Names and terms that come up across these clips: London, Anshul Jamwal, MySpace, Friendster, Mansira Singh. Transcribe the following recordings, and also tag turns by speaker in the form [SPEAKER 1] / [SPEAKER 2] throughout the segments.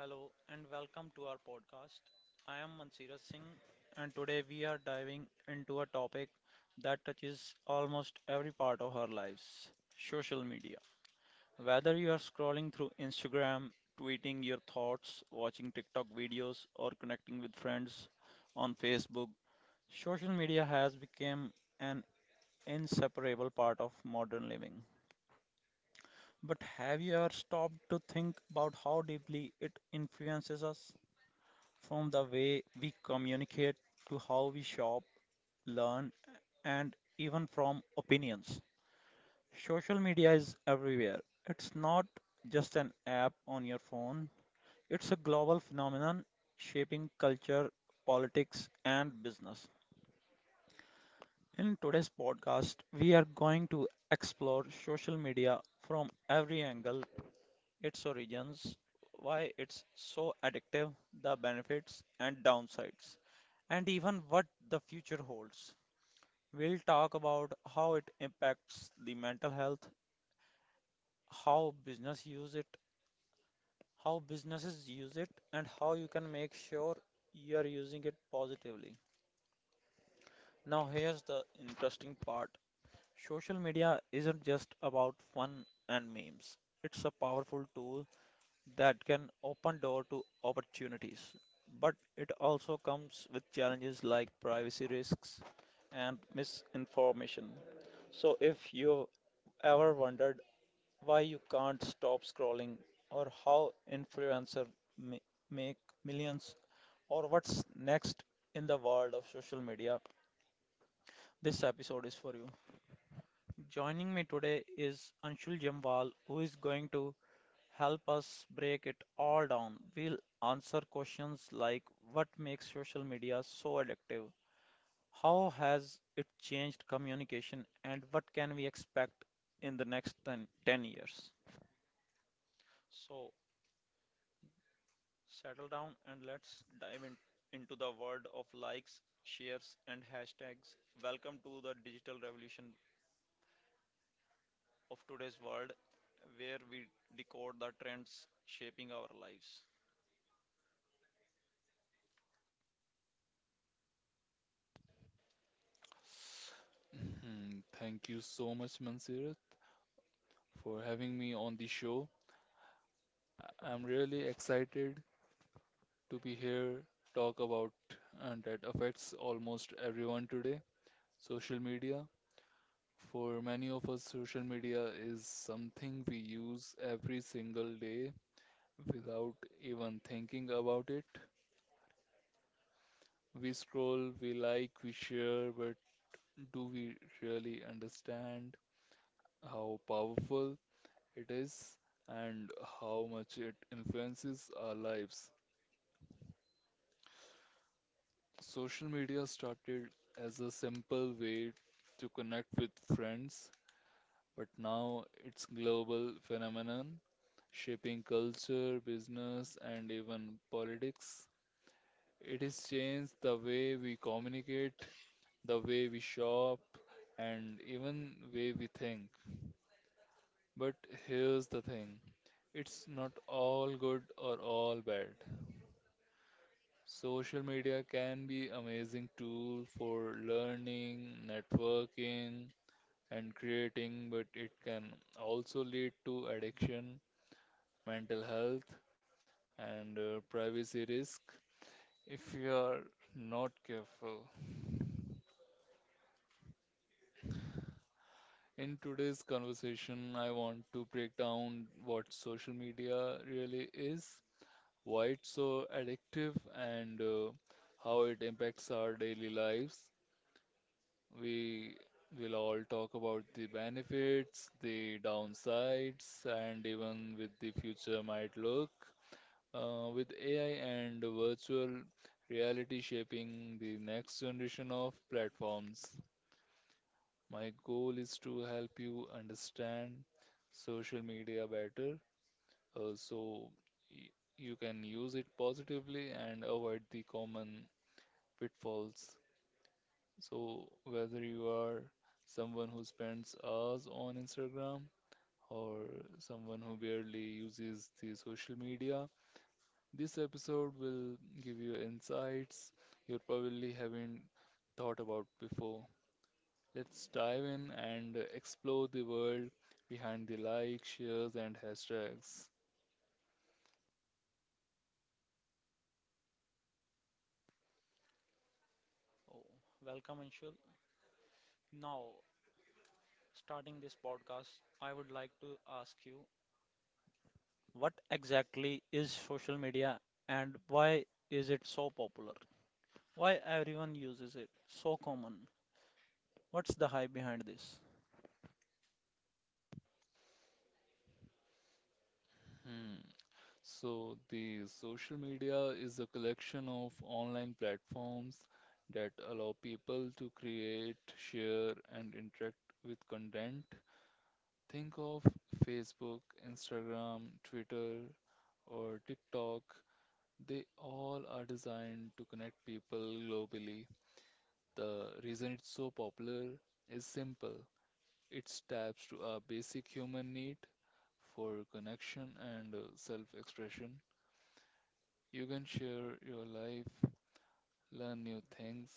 [SPEAKER 1] Hello and welcome to our podcast. I am Mansira Singh and today we are diving into a topic that touches almost every part of our lives, social media. Whether you are scrolling through Instagram, tweeting your thoughts, watching TikTok videos, or connecting with friends on Facebook, social media has become an inseparable part of modern living. But have you ever stopped to think about how deeply it influences us? From the way we communicate to how we shop, learn, and even from opinions. Social media is everywhere. It's not just an app on your phone, it's a global phenomenon shaping culture, politics, and business. In today's podcast, we are going to explore social media from every angle, its origins, why it's so addictive, the benefits and downsides, and even what the future holds. We'll talk about how it impacts the mental health, how business use it, how businesses use it, and how you can make sure you are using it positively. Now here's the interesting part. Social media isn't just about fun and memes. It's a powerful tool that can open door to opportunities, but it also comes with challenges like privacy risks and misinformation. So, if you've ever wondered why you can't stop scrolling, or how influencers ma- make millions, or what's next in the world of social media, this episode is for you. Joining me today is Anshul Jamwal, who is going to help us break it all down. We'll answer questions like what makes social media so addictive, how has it changed communication, and what can we expect in the next 10 years. So, settle down and let's dive in, into the world of likes, shares, and hashtags. Welcome to the digital revolution of today's world where we decode the trends shaping our lives.
[SPEAKER 2] Mhm. Thank you so much, Mansirat, for having me on the show. I'm really excited to be here, talk about that affects almost everyone today. Social media. For many of us, social media is something we use every single day without even thinking about it. We scroll, we like, we share, but do we really understand how powerful it is and how much it influences our lives. Social media started as a simple way to connect with friends, but now it's global phenomenon shaping culture, business, and even politics. It has changed the way we communicate, the way we shop, and even way we think. But here's the thing, it's not all good or all bad. Social media can be amazing tool for learning, networking, and creating, but it can also lead to addiction, mental health, and privacy risk if you are not careful. In today's conversation, I want to break down what social media really is, why it's so addictive, and how it impacts our daily lives. We will all talk about the benefits, the downsides, and even with the future might look. With AI and virtual reality shaping the next generation of platforms, my goal is to help you understand social media better, so y- you can use it positively and avoid the common pitfalls. So, whether you are someone who spends hours on Instagram or someone who barely uses the social media, this episode will give you insights you probably haven't thought about before. Let's dive in and explore the world behind the likes, shares, and hashtags.
[SPEAKER 1] Oh, welcome, Anshul. Now, starting this podcast, I would like to ask you what exactly is social media and why is it so popular? Why everyone uses it? So common. What's the hype behind this?
[SPEAKER 2] Hmm. So, the social media is a collection of online platforms that allow people to create, share, and interact with content. Think of Facebook, Instagram, Twitter, or TikTok. They all are designed to connect people globally. The reason it's so popular is simple. It taps to a basic human need for connection and self expression. You can share your life, learn new things,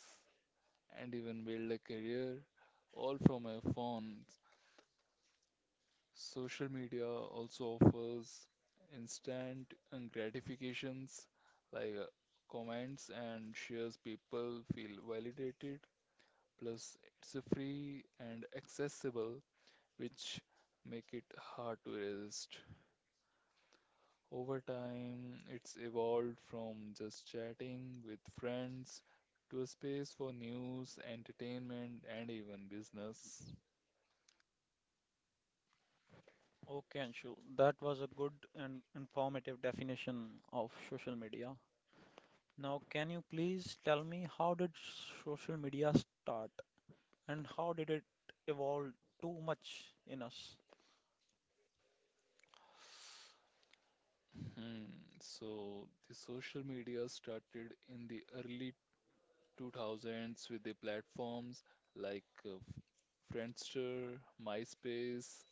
[SPEAKER 2] and even build a career all from your phone. Social media also offers instant gratifications like comments and shares. People feel validated. Plus, it's a free and accessible, which make it hard to resist. Over time, it's evolved from just chatting with friends to a space for news, entertainment, and even business.
[SPEAKER 1] Okay, Anshu, that was a good and informative definition of social media. Now, can you please tell me how did social media start and how did it evolve too much in us?
[SPEAKER 2] Hmm. So, the social media started in the early 2000s with the platforms like Friendster, MySpace.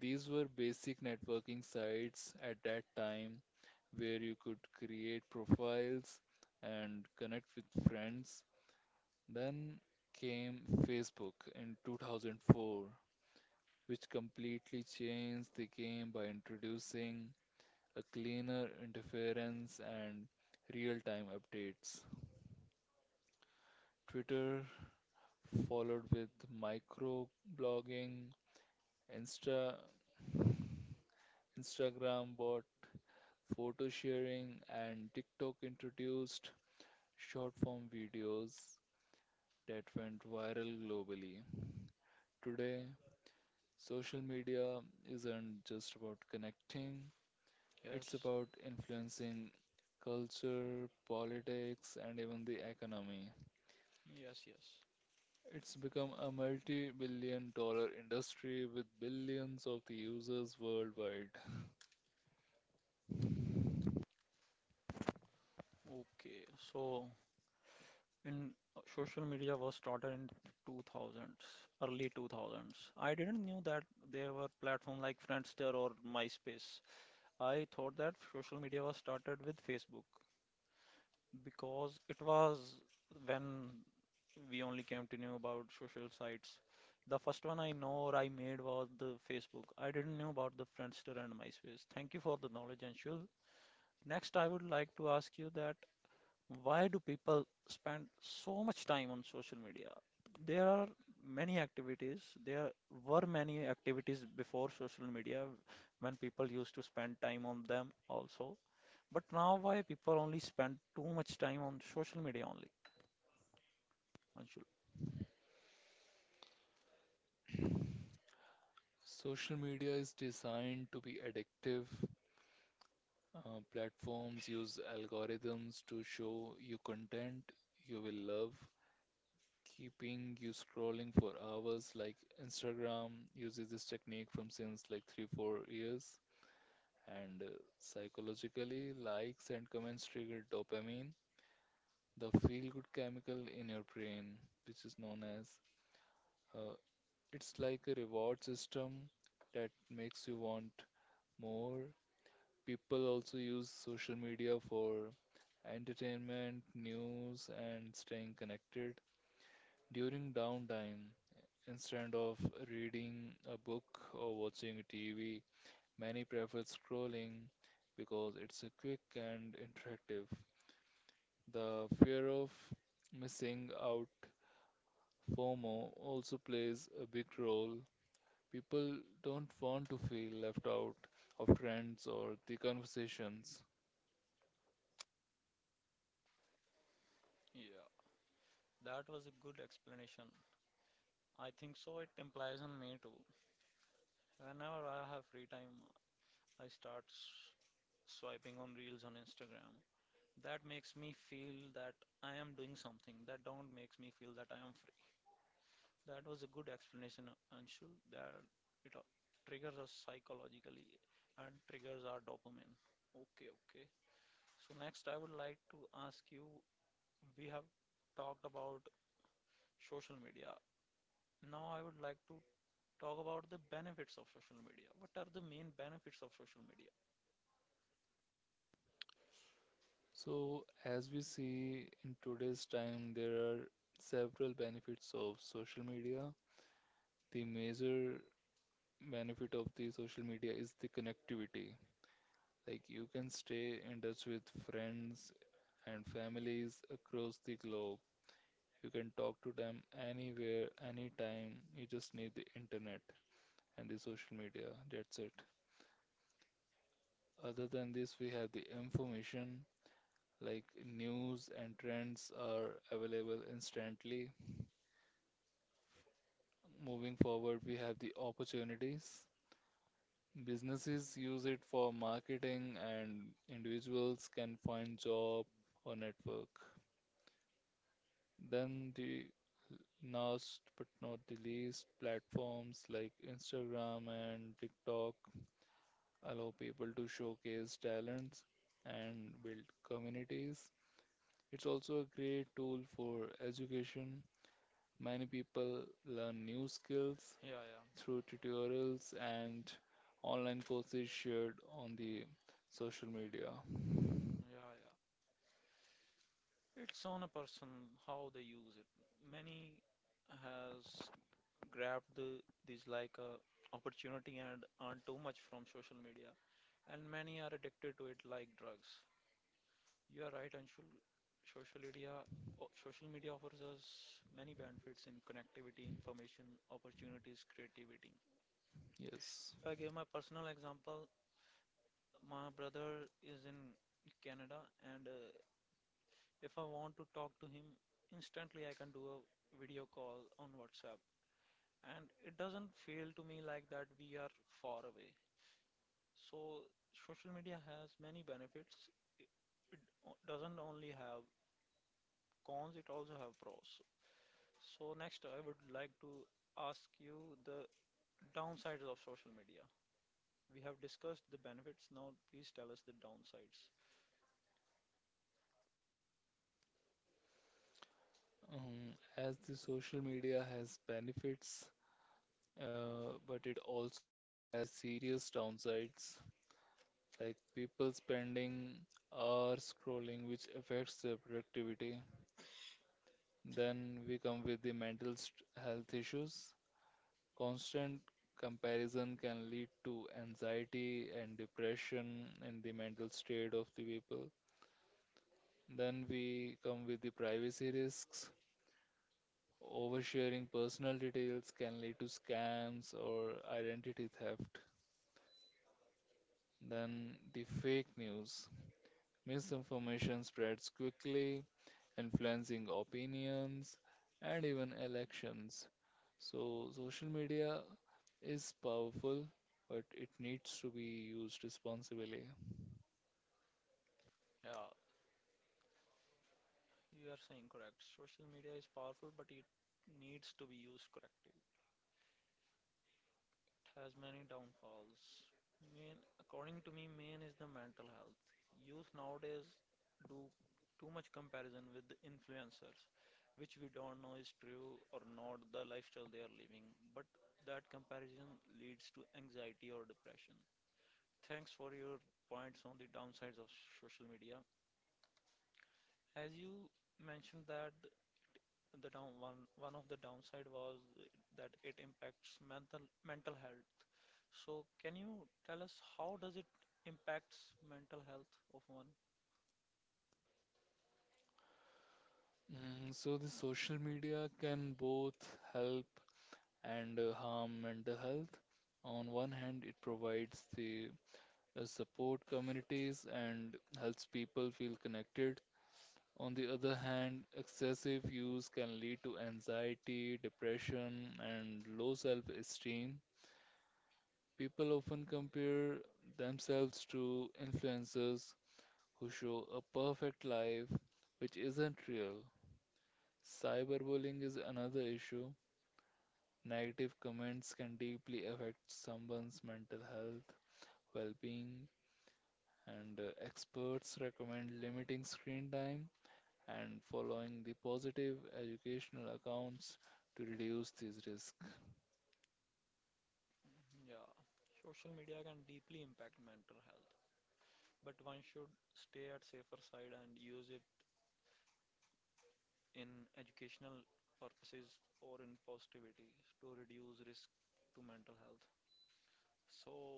[SPEAKER 2] These were basic networking sites at that time where you could create profiles and connect with friends. Then came Facebook in 2004, which completely changed the game by introducing a cleaner interference and real-time updates. Twitter followed with microblogging, Insta Instagram bought photo sharing, and TikTok introduced short-form videos that went viral globally. Today, social media isn't just about connecting, it's
[SPEAKER 1] Yes,
[SPEAKER 2] about influencing culture, politics, and even the economy.
[SPEAKER 1] yes, yes.
[SPEAKER 2] It's become a multi billion dollar industry with billions of the users worldwide.
[SPEAKER 1] Okay, so in social media was started in 2000s, early 2000s. I didn't knew that there were platforms like Friendster or MySpace. I thought that social media was started with Facebook, because it was when we only came to know about social sites. The first one I know or I made was the Facebook. I didn't know about the Friendster and MySpace. Thank you for the knowledge, Anshul. Next, I would like to ask you that why do people spend so much time on social media? There are many activities. There were many activities before social media when people used to spend time on them also. But now why people only spend too much time on social media only, Anshul?
[SPEAKER 2] Social media is designed to be addictive. Platforms use algorithms to show you content you will love keeping you scrolling for hours. Like Instagram uses this technique from since like 3, 4 years. And psychologically, likes and comments trigger dopamine, the feel-good chemical in your brain, which is known as uh, it's like a reward system that makes you want more. People also use social media for entertainment, news, and staying connected during downtime. Instead of reading a book or watching TV, many prefer scrolling because it's a quick and interactive. The fear of missing out, FOMO, also plays a big role. People don't want to feel left out of trends or the conversations.
[SPEAKER 1] Yeah, that was a good explanation. I think so. It implies on me too. Whenever I have free time, I swiping on reels on Instagram. That makes me feel that I am doing something. That don't makes me feel that I am free. That was a good explanation, Anshul. That it triggers us psychologically and triggers our dopamine. Okay, okay. So next, I would like to ask you we have talked about social media. Now I would like to talk about the benefits of social media. What are the main benefits of social media?
[SPEAKER 2] So, as we see in today's time, there are several benefits of social media. The major benefit of the social media is the connectivity. Like you can stay in touch with friends and families across the globe. You can talk to them anywhere, anytime. You just need the internet and the social media. That's it. Other than this, we have the information like news and trends are available instantly. Moving forward, we have the opportunities. Businesses use it for marketing, and individuals can find job or network. Then the last but not the least, platforms like Instagram and TikTok allow people to showcase talents and build communities. It's also a great tool for education. Many people learn new skills
[SPEAKER 1] Yeah, yeah,
[SPEAKER 2] through tutorials and online courses shared on the social media.
[SPEAKER 1] yeah, yeah. It's on a person how they use it. Many has grabbed this like a opportunity and earned too much from social media, and many are addicted to it like drugs. You are right, Anshul. Social media, Social media offers us many benefits in connectivity, information, opportunities, creativity.
[SPEAKER 2] Yes.
[SPEAKER 1] If I give my personal example, my brother is in Canada, and if I want to talk to him, instantly I can do a video call on WhatsApp, and it doesn't feel to me like that we are far away. So social media has many benefits. It, it doesn't only have cons; it also have pros. So next, I would like to ask you the downsides of social media. We have discussed the benefits. Now, please tell us the downsides.
[SPEAKER 2] As the social media has benefits, but it also has serious downsides, like people spending hours scrolling, which affects their productivity. Then we come with the mental st health issues. Constant comparison can lead to anxiety and depression in the mental state of the people. Then we come with the privacy risks. Oversharing personal details can lead to scams or identity theft. Then the fake news. Misinformation spreads quickly, influencing opinions and even elections. So, social media is powerful, but it needs to be used responsibly.
[SPEAKER 1] Yeah, you are saying correct. Social media is powerful, but it needs to be used correctly. It has many downfalls. Main, according to me, main is the mental health. Youth nowadays do too much comparison with the influencers, which we don't know is true or not the lifestyle they are living. But that comparison leads to anxiety or depression. Thanks for your points on the downsides of social media. As you mentioned that the down one of the downside was that it impacts mental health. So can you tell us how does it impacts mental health of one?
[SPEAKER 2] So, the social media can both help and harm mental health. On one hand, it provides the support communities and helps people feel connected. On the other hand, excessive use can lead to anxiety, depression, and low self esteem. People often compare themselves to influencers who show a perfect life which isn't real. Cyberbullying is another issue. Negative comments can deeply affect someone's mental health, well being, and experts recommend limiting screen time and following the positive educational accounts to reduce these risks.
[SPEAKER 1] Yeah, social media can deeply impact mental health, but one should stay at safer side and use it in educational purposes or in positivity to reduce risk to mental health. So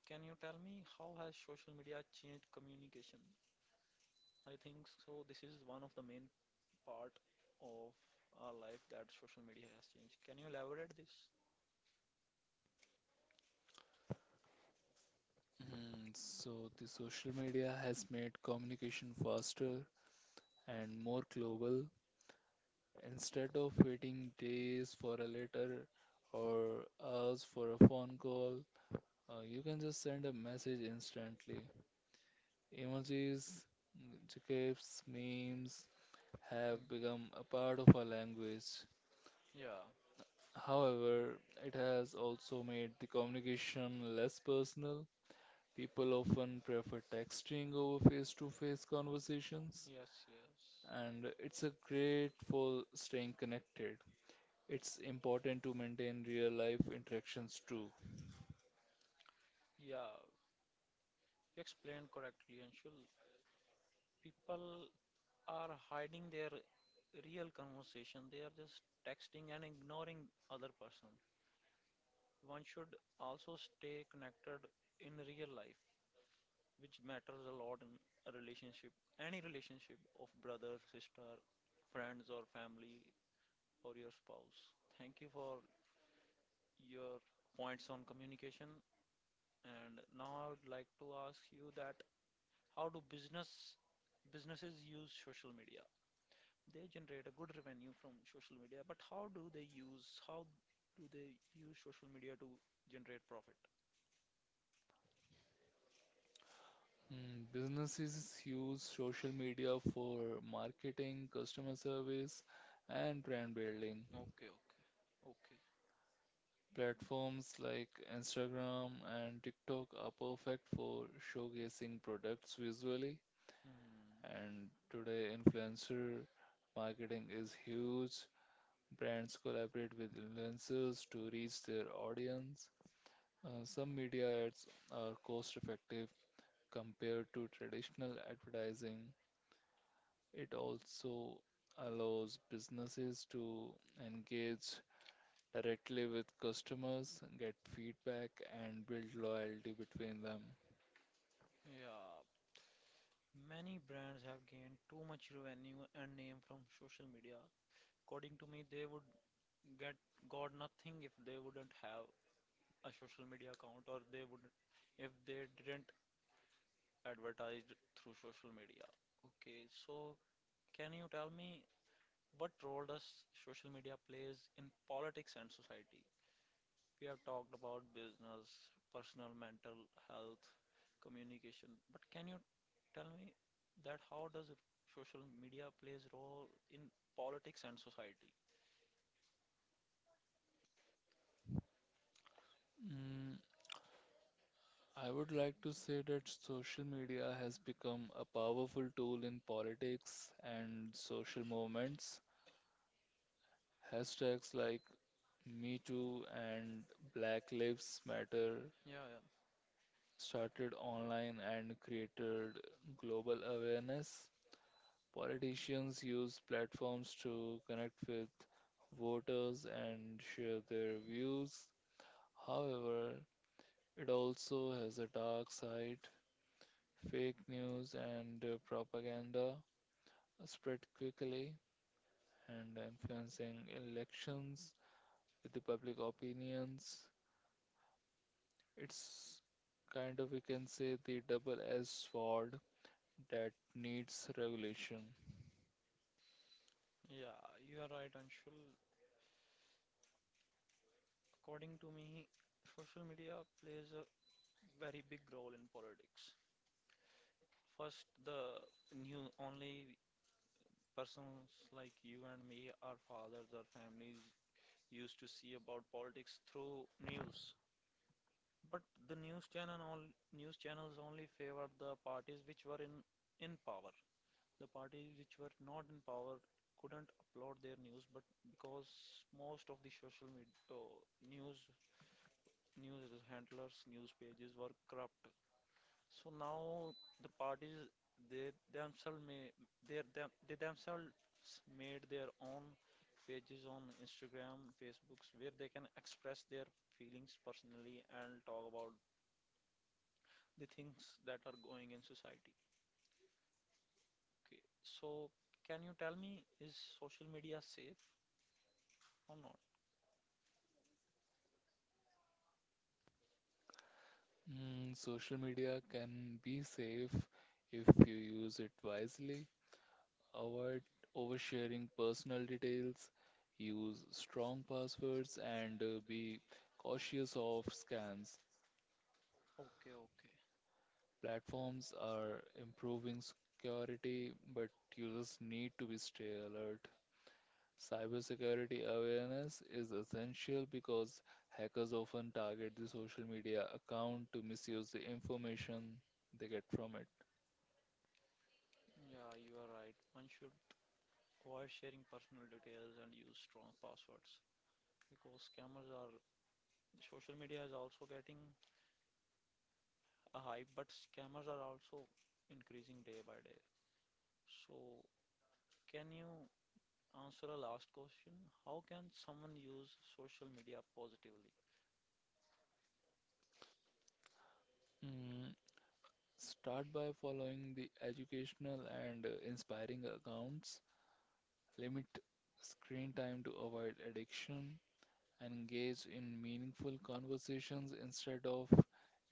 [SPEAKER 1] can you tell me how has social media changed communication? I think so this is one of the main part of our life that social media has changed. Can you elaborate this?
[SPEAKER 2] So, the social media has made communication faster and more global. Instead of waiting days for a letter or hours for a phone call, you can just send a message instantly. Emojis, gifs, memes have
[SPEAKER 1] Mm,
[SPEAKER 2] become a part of our language.
[SPEAKER 1] yeah.
[SPEAKER 2] However, it has also made the communication less personal. People often prefer texting over face-to-face conversations,
[SPEAKER 1] Yes, yes.
[SPEAKER 2] and it's a great for staying connected. It's important to maintain real-life interactions too.
[SPEAKER 1] Yeah, you explained correctly, Anshul. People are hiding their real conversation. They are just texting and ignoring other person. One should also stay connected in real life, which matters a lot in a relationship, any relationship of brother, sister, friends or family or your spouse. Thank you for your points on communication. And now I'd like to ask you that how do business businesses use social media? They generate a good revenue from social media, but how do they use social media to generate profit?
[SPEAKER 2] Businesses use social media for marketing, customer service, and brand building.
[SPEAKER 1] Okay, okay, okay.
[SPEAKER 2] Platforms like Instagram and TikTok are perfect for showcasing products visually.
[SPEAKER 1] Hmm.
[SPEAKER 2] And today, influencer marketing is huge. Brands collaborate with influencers to reach their audience. Some media ads are cost-effective compared to traditional advertising. It also allows businesses to engage directly with customers, get feedback, and build loyalty between them.
[SPEAKER 1] Yeah, many brands have gained too much revenue and name from social media. According to me, they would get got nothing if they wouldn't have a social media account, or they would if they didn't advertised through social media. Okay, so can you tell me what role does social media plays in politics and society? We have talked about business, personal mental health, communication, but can you tell me that social media plays role in politics and society?
[SPEAKER 2] Mm, I would like to say that social media has become a powerful tool in politics and social movements. Hashtags like Me Too and Black Lives Matter
[SPEAKER 1] Yeah, yeah,
[SPEAKER 2] started online and created global awareness. Politicians use platforms to connect with voters and share their views. However, it also has a dark side, fake news and propaganda spread quickly and influencing elections with the public opinions. It's kind of, we can say, the double-edged sword that needs regulation.
[SPEAKER 1] yeah, you are right, Anshul. According to me, social media plays a very big role in politics. First, the new only persons like you and me, our fathers, our families used to see about politics through news. But the news channel all news channels only favored the parties which were in power. The parties which were not in power couldn't upload their news, but because most of the social media news news handlers, news pages were corrupt. So now the parties they themselves may they them they themselves made their own pages on Instagram, Facebooks where they can express their feelings personally and talk about the things that are going in society. Okay. So can you tell me is social media safe or not?
[SPEAKER 2] Social media can be safe if you use it wisely. Avoid oversharing personal details, use strong passwords, and be cautious of scams.
[SPEAKER 1] Okay, okay.
[SPEAKER 2] Platforms are improving security, but users need to be stay alert. Cybersecurity awareness is essential because hackers often target the social media account to misuse the information they get from it.
[SPEAKER 1] Yeah, you are right. One should avoid sharing personal details and use strong passwords because scammers are, social media is also getting a hype, but scammers are also increasing day by day. So, can you answer a last question? How can someone use social media positively?
[SPEAKER 2] Mm, Start by following the educational and inspiring accounts. Limit screen time to avoid addiction. Engage in meaningful conversations instead of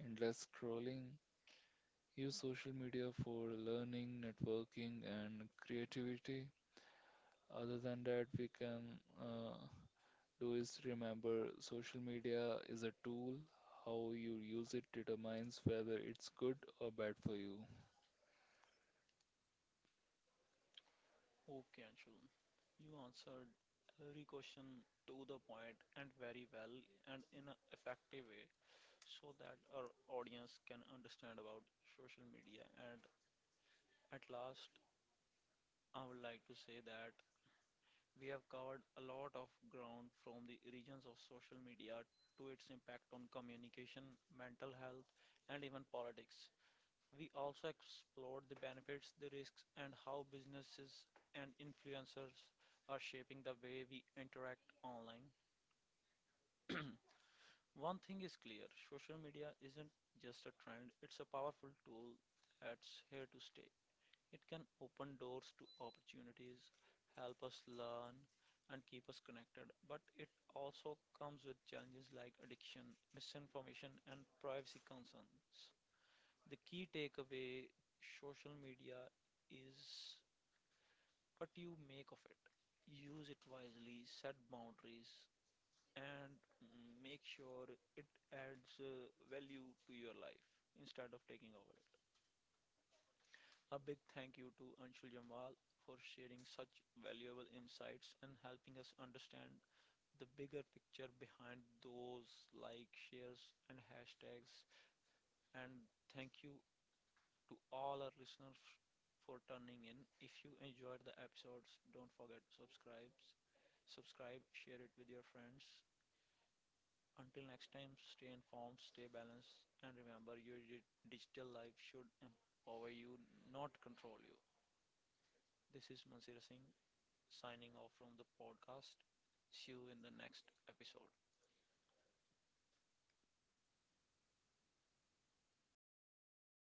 [SPEAKER 2] endless scrolling. Use social media for learning, networking, and creativity. Other than that, we can do is remember social media is a tool. How you use it determines whether it's good or bad for you.
[SPEAKER 1] Okay, Anshul, you answered every question to the point and very well and in an effective way so that our audience can understand about social media. And at last, I would like to say that we have covered a lot of ground, from the origins of social media to its impact on communication, mental health, and even politics. We also explored the benefits, the risks, and how businesses and influencers are shaping the way we interact online. One thing is clear: social media isn't just a trend, it's a powerful tool that's here to stay. It can open doors to opportunities, help us learn, and keep us connected. But it also comes with challenges like addiction, misinformation, and privacy concerns. The key takeaway: social media is what you make of it. Use it wisely, set boundaries, and make sure it adds value to your life instead of taking over. A big thank you to Anshul Jamal for sharing such valuable insights and helping us understand the bigger picture behind those like, shares, and hashtags. And thank you to all our listeners for turning in. If you enjoyed the episodes, don't forget to subscribe, share it with your friends. Until next time, stay informed, stay balanced, and remember your digital life should empower you, not control you. This is Mansira Singh signing off from the podcast. See you in the next episode.